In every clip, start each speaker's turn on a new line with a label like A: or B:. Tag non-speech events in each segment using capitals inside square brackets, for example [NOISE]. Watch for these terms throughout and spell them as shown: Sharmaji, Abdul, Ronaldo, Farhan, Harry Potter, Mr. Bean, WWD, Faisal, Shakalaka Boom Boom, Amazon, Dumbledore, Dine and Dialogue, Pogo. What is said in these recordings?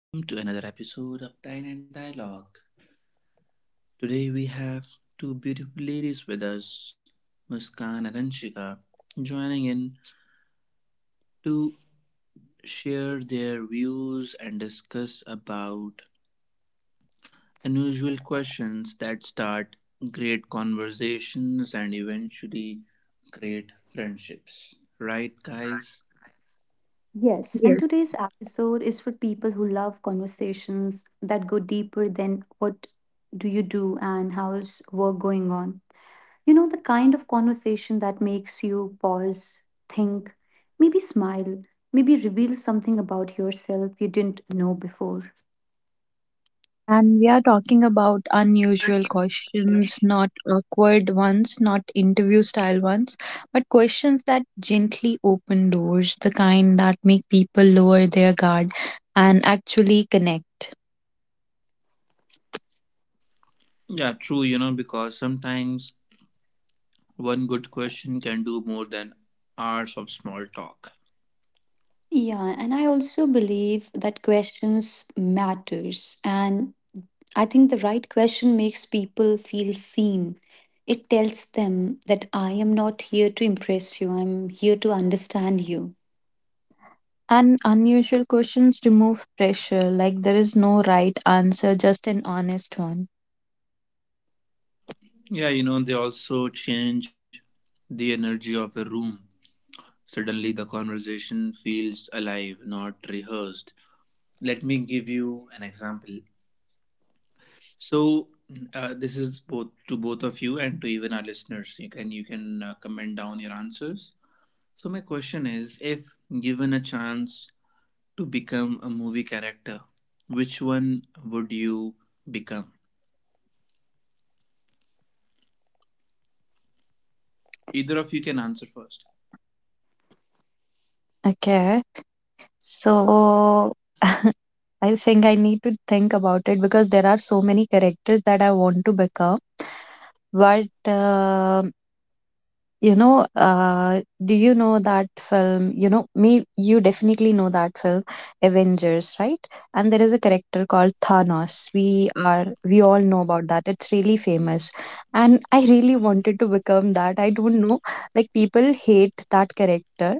A: Welcome to another episode of Dine and Dialogue. Today we have two beautiful ladies with us, Muskan and Anshika, joining in to share their views and discuss about unusual questions that start great conversations and eventually create friendships. Right, guys?
B: Yes, and today's
C: Yes.
B: episode is for people who love conversations that go deeper than what do you do and how's work going on. You know, the kind of conversation that makes you pause, think, maybe smile, maybe reveal something about yourself you didn't know before.
C: And we are talking about unusual questions, not awkward ones, not interview style ones, but questions that gently open doors, the kind that make people lower their guard and actually connect.
A: Yeah, true, you know, because sometimes one good question can do more than hours of small talk.
B: Yeah, and I also believe that questions matters, and I think the right question makes people feel seen. It tells them that I am not here to impress you, I'm here to understand you.
C: And unusual questions remove pressure, like there is no right answer, just an honest one.
A: Yeah, you know, they also change the energy of a room. Suddenly, the conversation feels alive, not rehearsed. Let me give you an example. So, this is both to both of you and to even our listeners. You can you can comment down your answers. So, my question is: if given a chance to become a movie character, which one would you become? Either of you can answer first.
C: Okay. So [LAUGHS] I think I need to think about it because there are so many characters that I want to become. But you know, do you know that film? You know, me, you definitely know that film, Avengers, right? And there is a character called Thanos. We all know about that. It's really famous, and I really wanted to become that. I don't know, like people hate that character,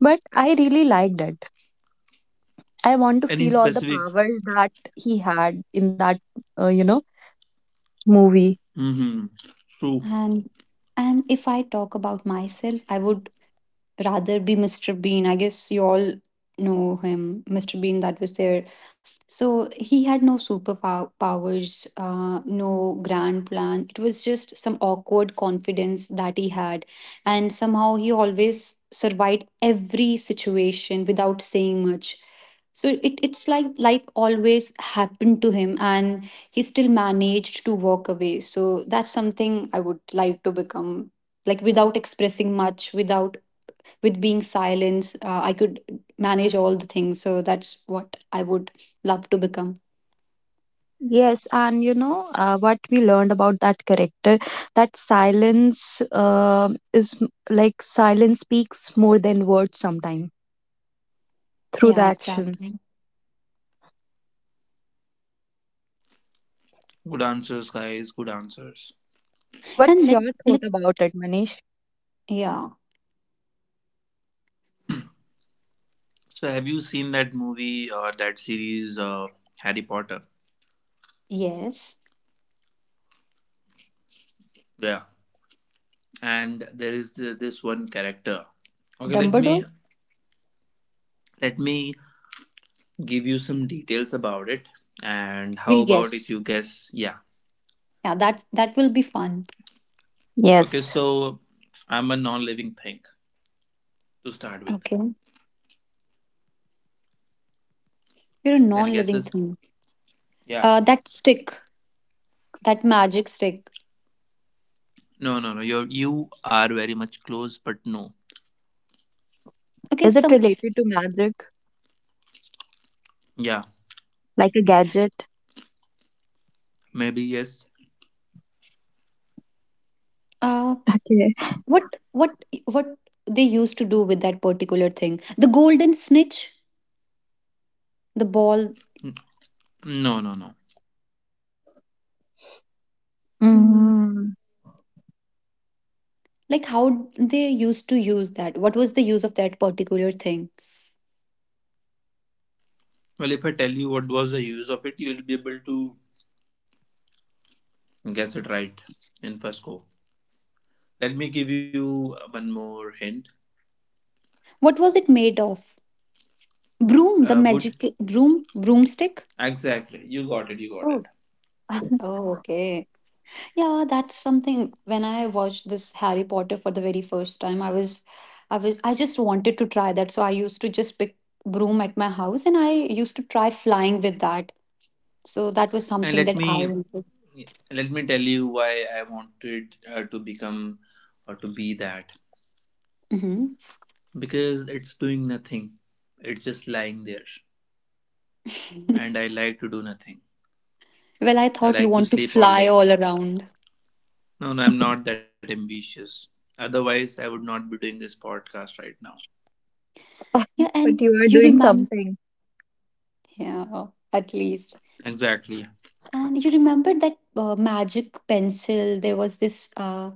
C: but I really liked it. I want to
A: Any
C: feel all the
A: specific?
C: powers that he had in that, you know, movie.
A: Mm-hmm. True.
B: And and if I talk about myself, I would rather be Mr. Bean. I guess you all know him, Mr. Bean, that was there. So he had no superpowers, no grand plan. It was just some awkward confidence that he had. And somehow he always survived every situation without saying much. So it's like life always happened to him, and he still managed to walk away. So that's something I would like to become, like without expressing much, without with being silence, I could manage all the things. So that's what I would love to become.
C: Yes, and you know, what we learned about that character, that silence like silence speaks more than words sometimes through the
B: Yeah,
C: actions.
B: exactly.
A: Good answers, guys. Good answers.
B: And
C: What's
B: let,
C: your
B: let
C: thought about it, Manish?
B: yeah,
A: So, have you seen that movie or that series, Harry Potter?
B: yes,
A: Yeah. And there is this one character. Okay, let me
B: Dumbledore.
A: let me give you some details about it. And how
B: Will
A: about if
B: guess.
A: you guess? Yeah.
B: Yeah, that will be fun.
A: Okay,
C: Yes.
A: so I'm a non-living thing to start with.
B: Okay, you're a
A: Any
B: non-living
A: guesses?
B: thing.
A: Yeah.
B: That stick, that magic stick.
A: No, no, no. You are very much close, but no.
B: Okay,
C: Is it
B: some
C: related to magic,
A: Yeah.
C: like a gadget?
A: Maybe yes.
B: uh,
C: Okay.
B: what they used to do with that particular thing? The golden snitch, the ball.
A: No, no, no.
C: Mm.
B: Like, how they used to use that? What was the use of that particular thing?
A: Well, if I tell you what was the use of it, you'll be able to guess it right in first go. Let me give you one more hint.
B: What was it made of? Broom, the
A: Wood.
B: magic broom, broomstick.
A: Exactly. You got it. You got it.
B: Oh.
C: [LAUGHS]
B: Oh, okay. Yeah, that's something. When I watched this Harry Potter for the very first time, I just wanted to try that. So I used to just pick broom at my house, and I used to try flying with that. So that was
A: And
B: something
A: let
B: that I
A: me
B: wanted.
A: let me tell you why I wanted to become or to be that.
B: Mhm.
A: Because it's doing nothing. It's just lying there. And I
B: [LAUGHS]
A: like to do nothing.
B: Well, I
A: I
B: thought you
A: like to
B: want to
A: sleep all
B: fly
A: day.
B: all around.
A: No, no, I'm not that ambitious. Otherwise, I would not be doing this podcast right now.
B: Yeah,
C: But
B: and
C: you are
B: you
C: doing
B: remember.
C: something.
B: Yeah, at least.
A: Exactly.
B: And you remember that magic pencil? There was this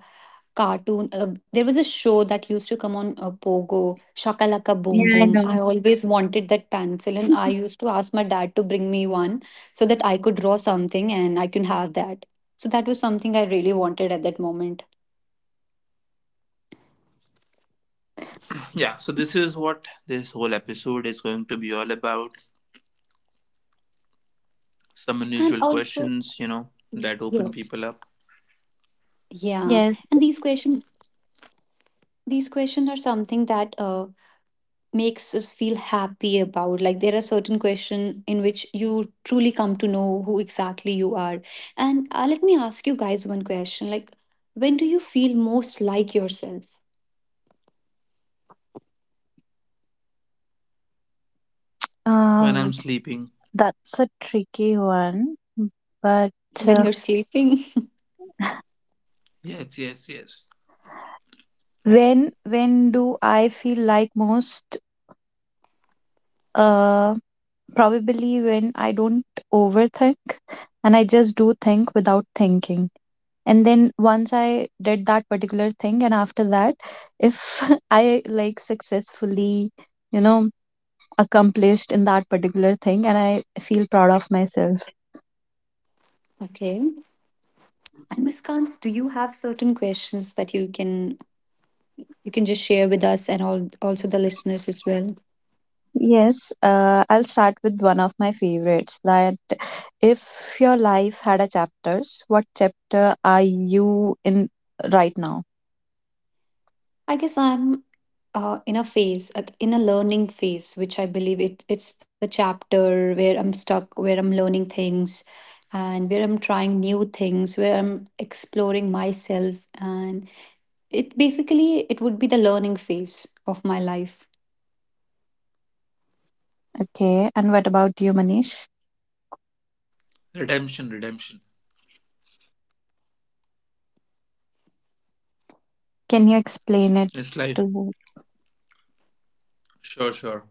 B: cartoon. There was a show that used to come on Pogo, Shakalaka Boom
C: Yeah, I
B: Boom.
C: know.
B: I always wanted that pencil, and I
C: [LAUGHS]
B: used to ask my dad to bring me one so that I could draw something and I can have that. So that was something I really wanted at that moment.
A: Yeah, so this is what this whole episode is going to be all about: some
B: And
A: unusual
B: also,
A: questions, you know, that open
B: yes,
A: people up.
B: yeah. And
C: Yes.
B: these questions, are something that makes us feel happy about. Like, there are certain questions in which you truly come to know who exactly you are, and let me ask you guys one question, like, when do you feel most like yourself?
A: When I'm
C: Um,
A: sleeping,
C: That's a tricky one, but
B: When
C: uh,
B: you're sleeping?
A: yes, yes, yes.
C: when do I feel like most? Uh, Probably when I don't overthink and I just do think without thinking. And then once I did that particular thing, and after that, if [LAUGHS] I like successfully, you know, accomplished in that particular thing, and I feel proud of myself.
B: [LAUGHS] Okay, and Miss Kans, do you have certain questions that you can just share with us and all also the listeners as well?
C: Yes, I'll start with one of my favorites. That if your life had a chapters, what chapter are you in right now?
B: I guess I'm in a learning phase, which I believe it's the chapter where I'm stuck, where I'm learning things, and where I'm trying new things, where I'm exploring myself, and it would be the learning phase of my life.
C: Okay, and what about you, Manish?
A: Redemption, redemption.
C: Can you explain it
A: It's like,
C: to
A: sure, sure.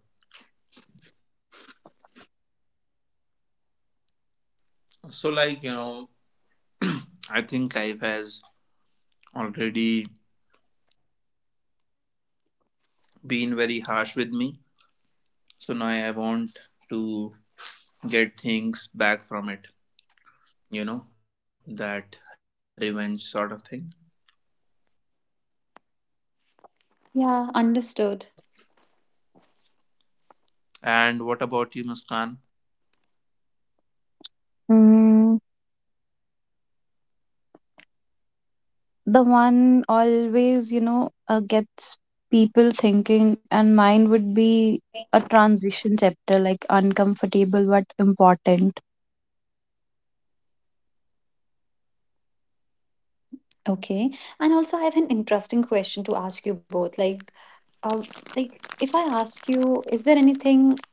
A: So, like, you know, I think life has already been very harsh with me. So now I want to get things back from it, you know, that revenge sort of thing.
B: Yeah, understood.
A: And what about you, Muskan?
C: mm, the one always, you know, gets people thinking, and mine would be a transition chapter, like uncomfortable but important.
B: Okay, and also I have an interesting question to ask you both. Like, uh, like if I ask you, is there anything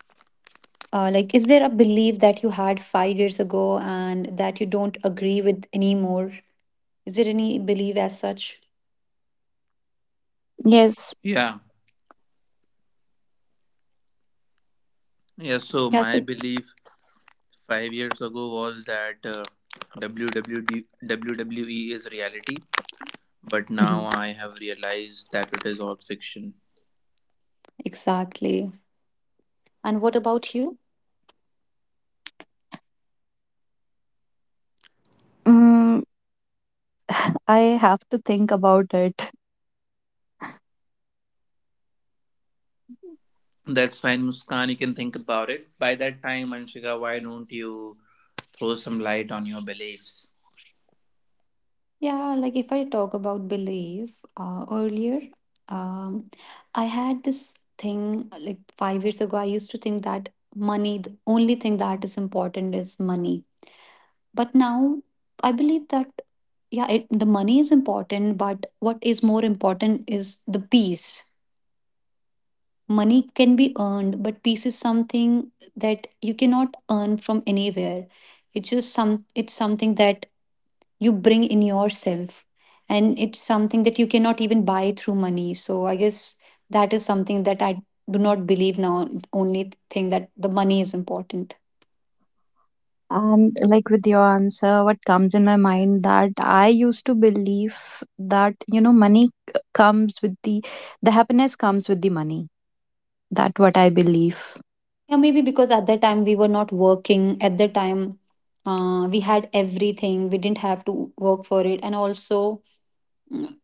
B: Like, is there a belief that you had 5 years ago and that you don't agree with anymore? Is there any belief as such?
C: Yes,
A: Yeah. Yeah, so
B: Yeah, so.
A: my belief 5 years ago was that WWD is reality, but
B: Mhm.
A: now I have realized that it is all fiction.
B: Exactly. And what about you?
C: mm, [SIGHS] [LAUGHS] I have to think about it.
A: That's fine, Muskan. You can think about it. By that time, Anshika, why don't you throw some light on your beliefs?
B: Yeah, like if I talk about belief earlier, um, I had this thing like 5 years ago. I used to think that money, the only thing that is important is money. But now I believe that, yeah, the money is important, but what is more important is the peace. Money can be earned, but peace is something that you cannot earn from anywhere. It's just some it's something that you bring in yourself. And it's something that you cannot even buy through money. So I guess that is something that I do not believe now. Only thing that the money is important.
C: And like with your answer, what comes in my mind that I used to believe that you know comes with the happiness comes with the money. That what I believe.
B: Yeah, maybe because at that time we were not working. At that time, we had everything. We didn't have to work for it. And also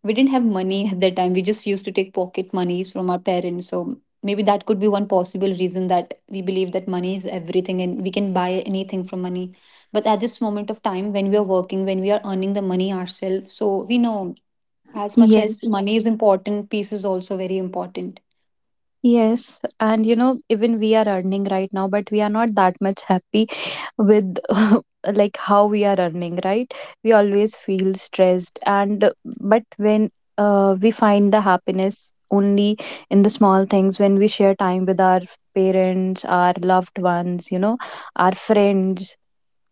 B: we didn't have money at that time. We just used to take pocket monies from our parents. So maybe that could be one possible reason that we believe that money is everything and we can buy anything from money. But at this moment of time, when we are working, when we are earning the money ourselves, so we know as much as
C: Yes.
B: money is important, peace is also very important.
C: Yes, and you know, even we are earning right now, but we are not that much happy with [LAUGHS] like how we are earning, right? We always feel stressed, and but when we find the happiness only in the small things, when we share time with our parents, our loved ones, you know, our friends,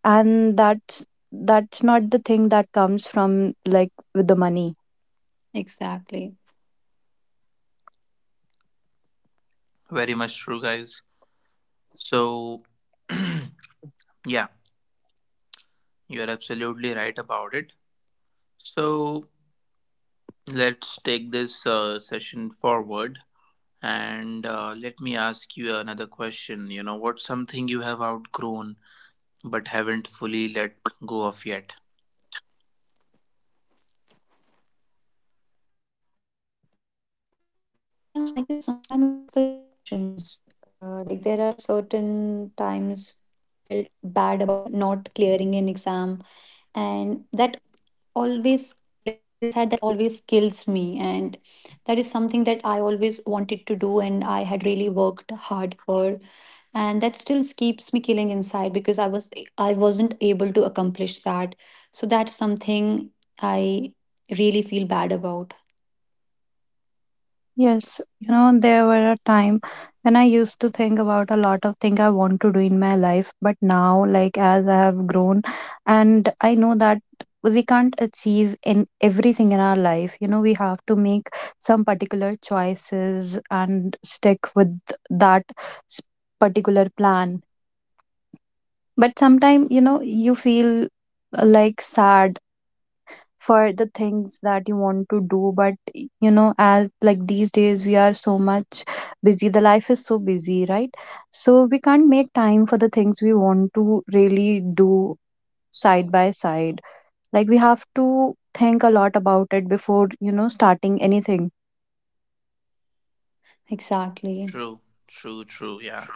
C: and that's not the thing that comes from like with the money.
B: Exactly.
A: Very much true, guys. So, [CLEARS THROAT] yeah, you are absolutely right about it. So, let's take this session forward. And let me ask you another question. You know, what's something you have outgrown but haven't fully let go of yet?
B: Yeah, I guess sometimes it's the emotions. Like, there are certain times when I felt bad about not clearing an exam, and that always, like from inside, that always kills me. And that is something that I always wanted to do, and I had really worked hard for. And that still keeps me killing inside because I wasn't able to accomplish that. So that's something I really feel bad about.
C: Yes, you know, there were a time when I used to think about a lot of things I want to do in my life, but now, like, as I have grown, and I know that we can't achieve in everything in our life, you know, we have to make some particular choices and stick with that s- particular plan. But sometimes, you know, you feel like sad for the things that you want to do, but you know, as like these days we are so much busy, the life is so busy, right? So we can't make time for the things we want to really do side by side, like we have to think a lot about it before you know starting anything
B: Exactly.
A: True, true, true. Yeah.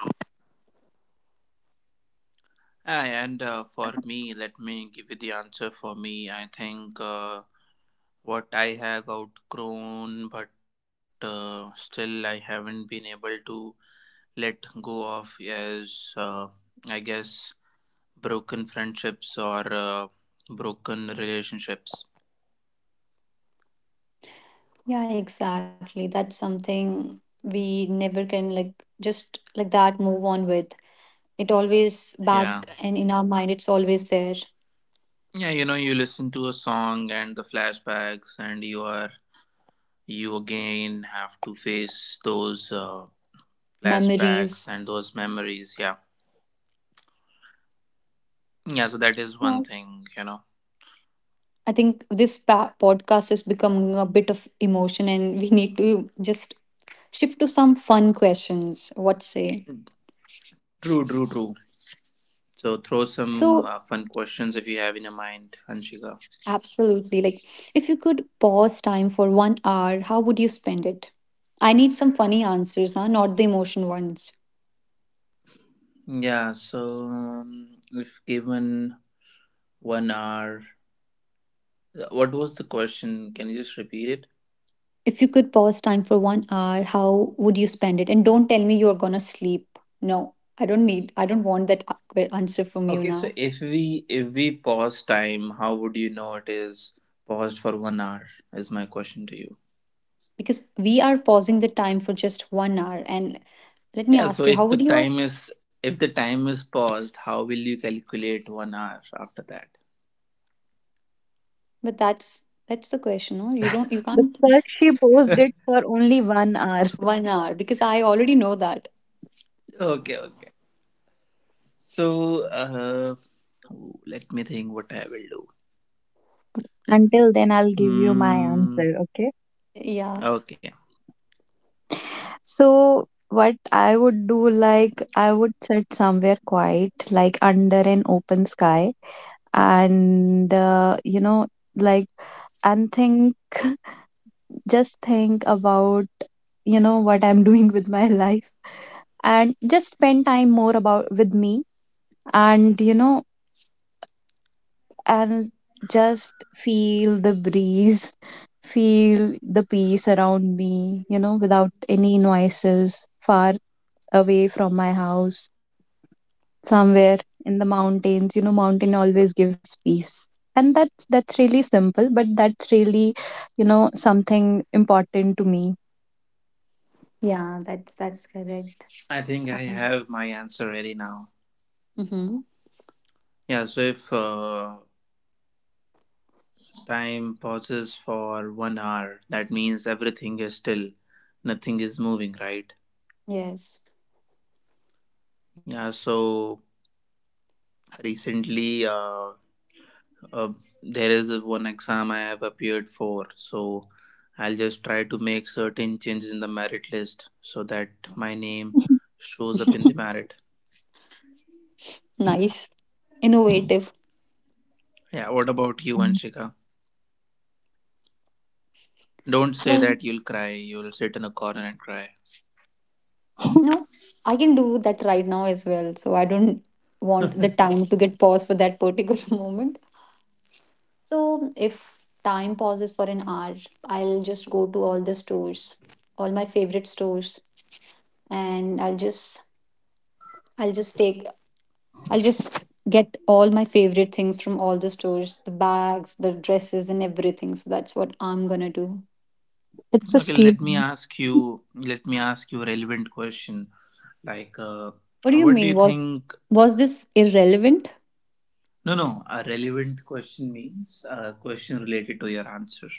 A: Ah, and for me, let me give you the answer. For me, I think what I have outgrown but still I haven't been able to let go of is, I guess, broken friendships or broken relationships.
B: Yeah, exactly. That's something we never can, like just like that, move on with. It always back,
A: Yeah.
B: and in our mind, it's always there.
A: Yeah, you know, you listen to a song and the flashbacks, and you again have to face those flashbacks
B: Memories.
A: and those memories. Yeah, yeah. So that is
B: Yeah,
A: one thing, you know.
B: I think this podcast is becoming a bit of emotion, and we need to just shift to some fun questions. What say?
A: True, true, true. So throw some
B: So,
A: fun questions if you have in your mind, Anshika.
B: absolutely. Like, if could pause time for 1 hour, how would you spend it? I need some funny answers, huh? Not the emotion ones.
A: Yeah. So if given 1 hour, what was the question? Can you just repeat it?
B: If you could pause time for 1 hour, how would you spend it? And don't tell me you're gonna sleep. No, I don't need. I don't want that well, answer from you
A: Okay, so
B: now.
A: if we pause time, how would you know it is paused for 1 hour? Is my question to you.
B: Because we pausing the time for just 1 hour, and let me
A: Yeah,
B: ask you
A: so
B: how
A: if
B: would
A: the
B: you.
A: time is if the time is paused, how will you calculate 1 hour after that?
B: But that's the question. No, you don't. You can't.
C: because she posed it for only 1 hour.
B: [LAUGHS] 1 hour, because I already know that.
A: Okay, okay. So let me think what I will do.
C: [LAUGHS] Until then, I'll give you my
A: Hmm.
C: answer. Okay.
B: Yeah,
A: Okay,
C: So what I would do, like I would sit somewhere quiet, like under an open sky, and you know, like and think, [LAUGHS] just think about you know what I'm [LAUGHS] doing with my life, and just spend time more about with me, and you know, and just feel the breeze, feel the peace around me, you know, without any noises far away from my house, somewhere in the mountains. You know, mountain always gives peace, and that's really simple, but that's really, you know, something important to me.
B: yeah, that's correct.
A: I think I
B: um,
A: have my answer ready now.
B: mm-hmm.
A: Yeah. So if time pauses for 1 hour, that means everything is still, nothing is moving, right?
B: Yes.
A: Yeah, so recently uh, there is this one exam I have appeared for. So I'll just try to make certain changes in the merit list so that my name
C: [LAUGHS]
A: shows up in the
B: [LAUGHS]
A: merit.
B: Nice. Innovative.
A: Yeah, what about you, Anshika? Don't say
B: Well,
A: that you'll cry. You'll sit in a corner and cry.
B: no, I can do that right now as well, so I don't want the time to get paused for that particular [LAUGHS] moment. So if time pauses for an hour, I'll just go to all the stores, all my favorite stores, and I'll just take I'll just get all my favorite things from all the stores, the bags, the dresses, and everything. So that's what I'm gonna do.
C: It's a
A: Okay,
C: steel.
A: let me ask you. Let me ask you a relevant question. Like,
B: What do you
A: what do
B: mean?
A: you
B: Was
A: think?
B: was this irrelevant?
A: No, no, a relevant question means a question related to your answer.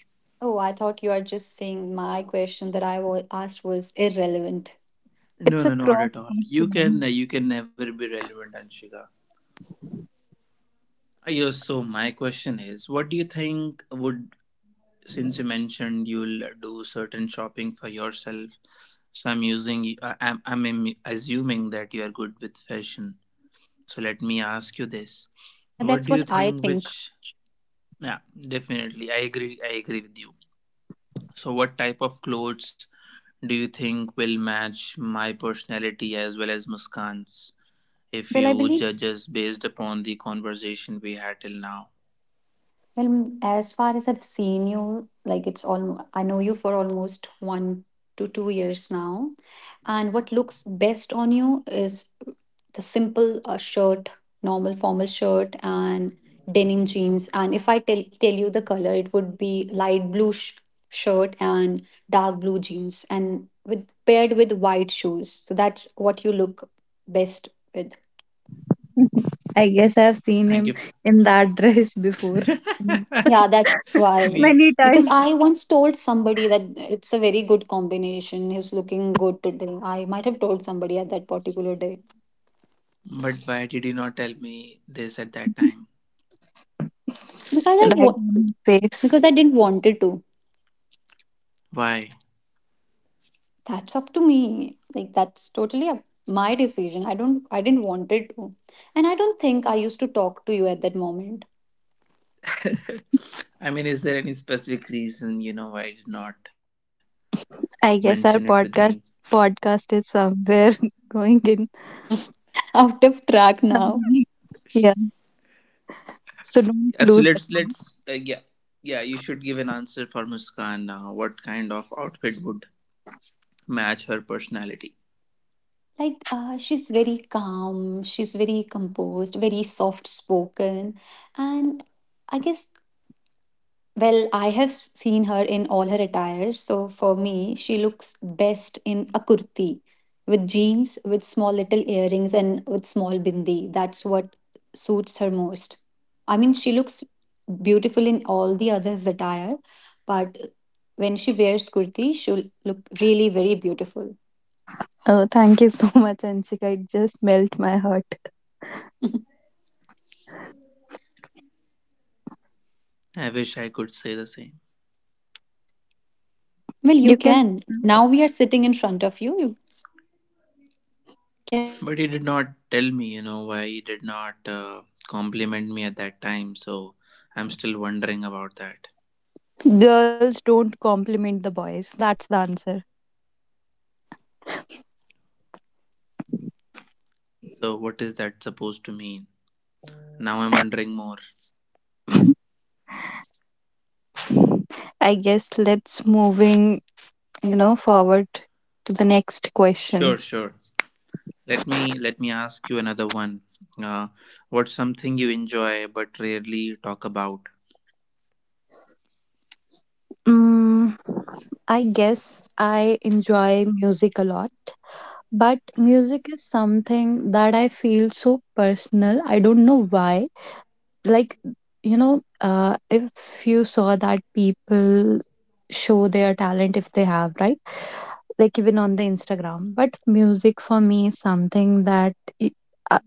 B: Oh, I thought you are just saying my question that asked was irrelevant.
C: It's
A: No,
C: a
A: no, not at
C: cross
A: all.
C: question.
A: You can never be relevant, Anshika. Yes, so my question is, what do you think would, since you mentioned you'll do certain shopping for yourself, so I'm using assuming that you are good with fashion. So let me ask you this.
B: And
A: What
B: that's
A: do you
B: what I
A: think, which,
B: think.
A: yeah, definitely. I agree with you. So what type of clothes do you think will match my personality as well as Muskan's, if
B: Well, I
A: you
B: believe.
A: judge us based upon the conversation we had till now?
B: Well, mm, as far as I've seen you, like it's all I know you for almost 1 to 2 years now, and what looks best on you is the simple shirt, normal formal shirt, and denim jeans. And if I tell you the color, it would be light blue shirt and dark blue jeans, and with paired with white shoes. So that's what you look best with.
C: [LAUGHS] I guess I've seen
A: Thank
C: him
A: you. For
C: in that dress before. Mm.
B: Yeah, that's
A: [LAUGHS]
C: [LAUGHS]
B: wild.
A: me,
C: Many
B: Because I
C: times.
B: once told somebody that it's a very good combination. He's looking good today. I might have told somebody at that particular day.
A: but why did you not tell me this at that time?
C: [LAUGHS]
B: because I
C: Right
B: wa-
C: on his face.
B: because I didn't wanted to.
A: Why?
B: That's up to me. Like, that's totally up my decision. I don't. I didn't want it to, and I don't think I used to talk to you at that moment.
A: [LAUGHS] I mean, is there any specific reason you know why you did not
C: I
A: mention it
C: guess
A: with
C: our
A: me?
C: podcast is somewhere [LAUGHS] going in
B: [LAUGHS] Out of track now.
C: somewhere- yeah. So don't
A: Yeah,
C: lose
A: so
C: that
A: let's
C: now.
A: let's uh, yeah, yeah, you should give an answer for Muskan now. What kind of outfit would match her personality?
B: Like, she's very calm. She's very composed. Very soft spoken, and I guess. Well, I have seen her in all her attires. So for me, she looks best in a kurti with jeans, with small little earrings, and with small bindi. That's what suits her most. I mean, she looks beautiful in all the others' attire, but when she wears kurti, she'll look really very beautiful.
C: Oh, thank you so [LAUGHS] much, Anshika. It just melt my heart.
B: [LAUGHS] Well,
A: I wish I could say the same.
B: you
C: You can.
B: can. Now we are sitting in front of you. You can.
A: But he did not tell me, you know, why he did not compliment me at that time. So I'm still wondering about that.
C: Girls don't compliment the boys. That's the answer.
A: So what is that supposed to mean? Now I'm wondering more.
C: [LAUGHS] I guess let's moving, you know, forward to the next
A: Sure,
C: question.
A: sure. Let me ask you another one. Uh, what's something you enjoy but rarely talk about?
C: Mm, I guess I enjoy music a lot, but music is something that I feel so personal. I don't know why. Like, you know, if you saw that people show their talent if they have, right? Like even on the Instagram, but music for me is something that i- uh,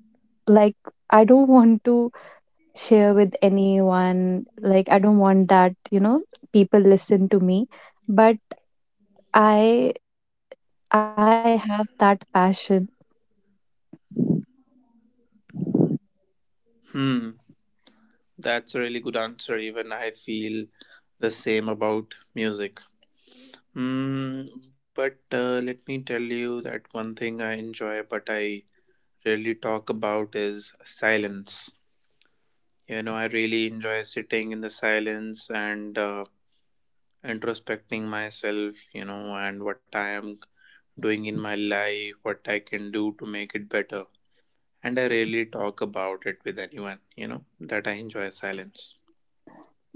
C: like I don't want to share with anyone, like I don't want that, you know, people listen to me, but i I have that passion.
A: Hmm, that's a really good answer. Even I feel the same about music. Hmm, but let me tell you that one thing I enjoy, but I really talk about is silence. You know, I really enjoy sitting in the silence and introspecting myself, you know, and what I am doing in my life, what I can do to make it better. And I rarely talk about it with anyone, you know, that I enjoy silence.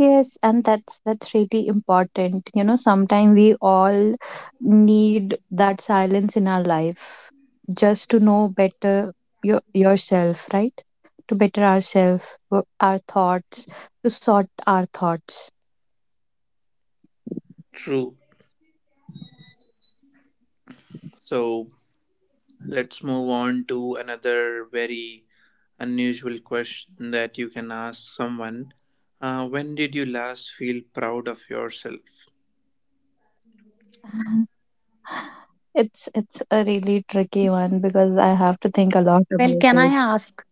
C: Yes, and that's really important. You know, sometimes we all need that silence in our life just to know better yourself, right? To better ourselves, our thoughts, to sort our thoughts.
A: True. So let's move on to another very unusual question that you can ask someone. When did you last feel proud of yourself?
C: [LAUGHS] It's a really tricky
B: Well,
C: one because I have to think a lot about
B: can I
C: it.
B: ask?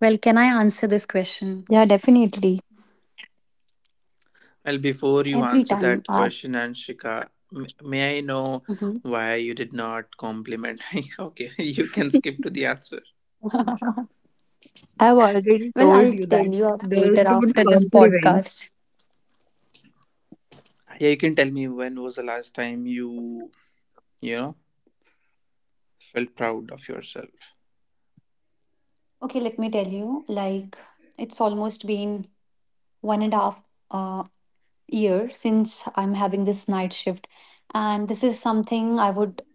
B: Well, can I answer this question?
C: Yeah, definitely.
A: Well, before you
B: Every
A: answer
B: time
A: that
B: ask.
A: question, Anshika, may I know
B: Mhm.
A: why you did not compliment [LAUGHS] Okay, [LAUGHS] you can
C: [LAUGHS]
A: skip to the answer.
B: [LAUGHS]
C: I've already
B: Well,
C: told
B: I'll
C: you
B: tell
C: that
B: you up
C: girls
B: later
C: don't
B: after this
C: compliment.
B: podcast.
A: Yeah, you can tell me when was the last time you, you know, felt proud of yourself.
B: Okay, let me tell you. Like, it's almost been one and a half uh, year since I'm having this night shift, and this is something I would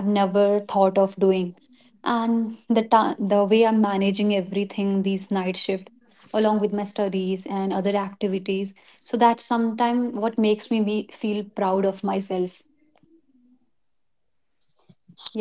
B: have never thought of doing. And the the way I'm managing everything, these night shift, along with my studies and other activities, so that sometime what makes me feel proud of myself.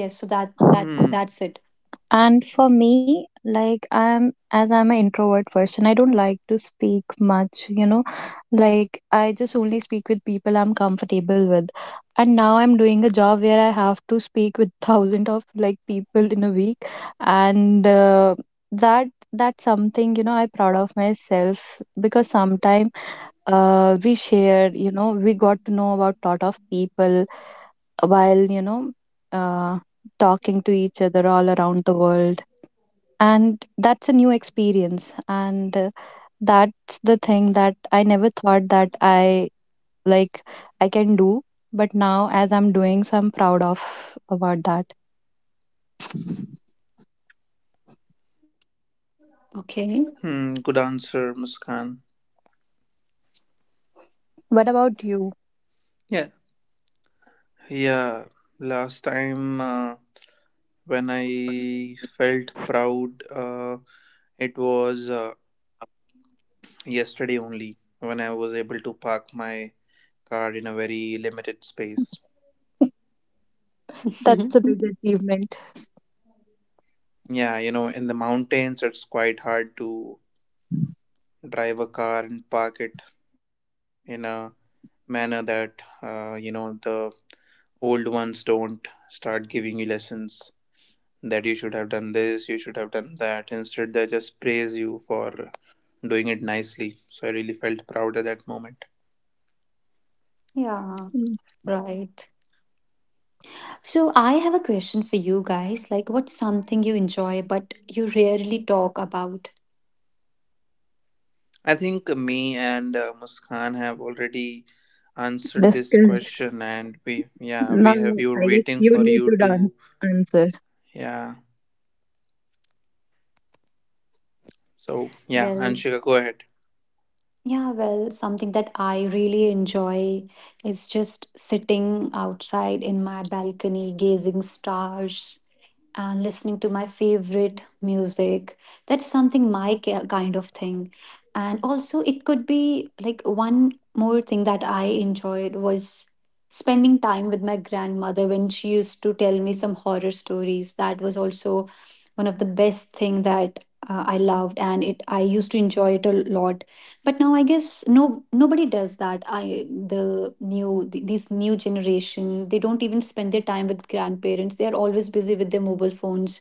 B: Yes, so
A: Hmm.
B: that's it.
C: And for me, like I'm an introvert person, I don't like to speak much, you know. Like I just only speak with people I'm comfortable with. And now I'm doing a job where I have to speak with [LAUGHS] thousand of like people in a week, and that's something you know I'm proud of myself because sometime we shared, you know, we got to know about lot of people while you know uh, talking to each other all around the world, and that's a new experience, and that's the thing that i never thought that i like i can do, but now as I'm doing, so I'm proud of about that.
A: Hmm.
B: Okay.
A: Good answer, Muskan.
C: What about you?
A: Yeah. Yeah. Last time when I felt proud, it was yesterday only when I was able to park my car in a very limited space.
C: [LAUGHS] That's a big
B: [LAUGHS]
C: achievement.
A: Yeah, you know, in the mountains, it's quite hard to drive a car and park it in a manner that, you know, the old ones don't start giving you lessons that you should have done this, you should have done that. Instead, they just praise you for doing it nicely. So I really felt proud at that moment.
B: Yeah.
C: Mm.
B: Right. So I have a question for you guys. Like, what's something you enjoy but you rarely talk about?
A: I think me and Muskan have already answered this
C: Discussed
A: question, and we, yeah, we
C: now,
A: have, we were
C: I guess
A: waiting
C: you
A: for
C: need
A: you
C: to dance
A: to,
C: answer.
A: yeah. So, yeah,
B: Well.
A: Anshika, go ahead.
B: Yeah, well, something that I really enjoy is just sitting outside in my balcony, gazing stars and listening to my favorite music. That's something my kind of thing. And also, it could be like one more thing that I enjoyed was spending time with my grandmother when she used to tell me some horror stories. That was also one of the best thing that I loved, and it I used to enjoy it a lot. But now I guess, no, nobody does that. I the new th- These new generation, they don't even spend their time with grandparents. They are always busy with their mobile phones.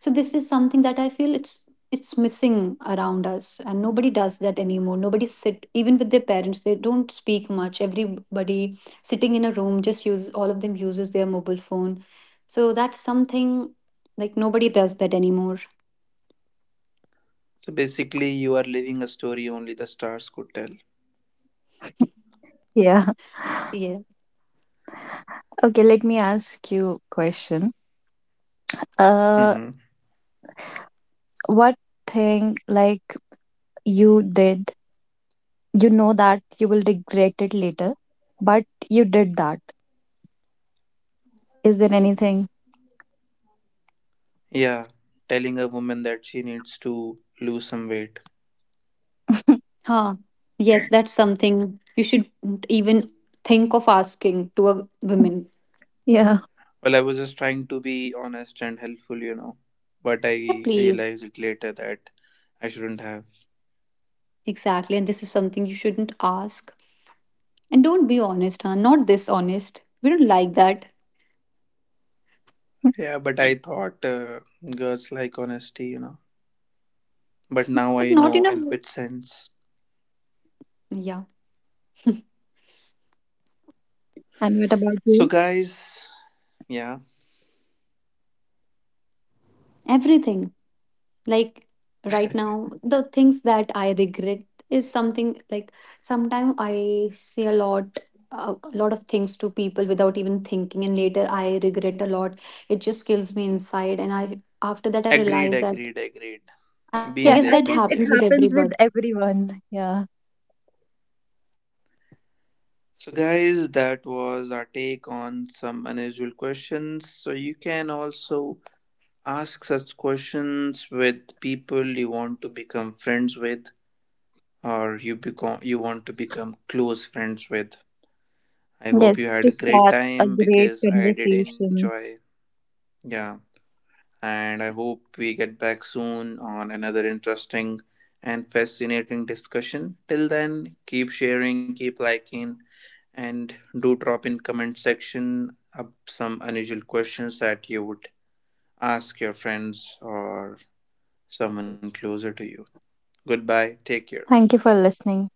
B: So this is something that I feel it's missing around us, and nobody does that anymore. Nobody sit even with their parents. They don't speak much. Everybody sitting in a room, just use, all of them uses their mobile phone. So that's something, like, nobody does that anymore.
A: So basically, you are living a story only the stars could tell.
C: Yeah.
B: Yes.
C: [LAUGHS] Okay, let me ask you question. uh
A: Hmm.
C: what thing, like, you did, you know that you will regret it later, but you did that. Is there anything?
A: Yeah, telling a woman that she needs to lose some weight.
C: [LAUGHS]
B: Huh. Yes, that's something you should even think of asking to a woman.
C: Yeah.
A: Well, I was just trying to be honest and helpful, you know, but I
B: Yeah, please.
A: realized it later that I shouldn't have.
B: Exactly. And this is something you shouldn't ask. And don't be honest, huh? Not dishonest. We don't like that.
A: Yeah, but I thought girls like honesty, you know, but now
B: But
A: I
B: not
A: know
B: enough.
A: in which sense.
B: Yeah.
C: And what about
A: So,
C: you?
A: guys, yeah,
B: Everything. Like, right now, the things that I regret is something like, sometimes I say a lot. A lot of things to people without even thinking, and later I regret a lot. It just kills me inside, and I after that I
A: agreed,
B: realize that.
A: agreed, agreed.
B: I guess that
C: Yeah,
A: Been
C: I
A: there,
C: guess
B: happens with
A: been
C: it
A: there.
B: everybody.
C: happens with everyone. Yeah.
A: So, guys, that was our take on some unusual questions. So, you can also ask such questions with people you want to become friends with, or you become you want to become close friends with. I hope
C: Yes,
A: you
C: to
A: had a
C: start
A: great
C: a
A: time
C: great
A: because I did
C: conversation.
A: enjoy. Yeah. And I hope we get back soon on another interesting and fascinating discussion. Till then, keep sharing, keep liking, and do drop in comment section up some unusual questions that you would ask your friends or someone closer to you. Goodbye, take care.
C: Thank you for listening.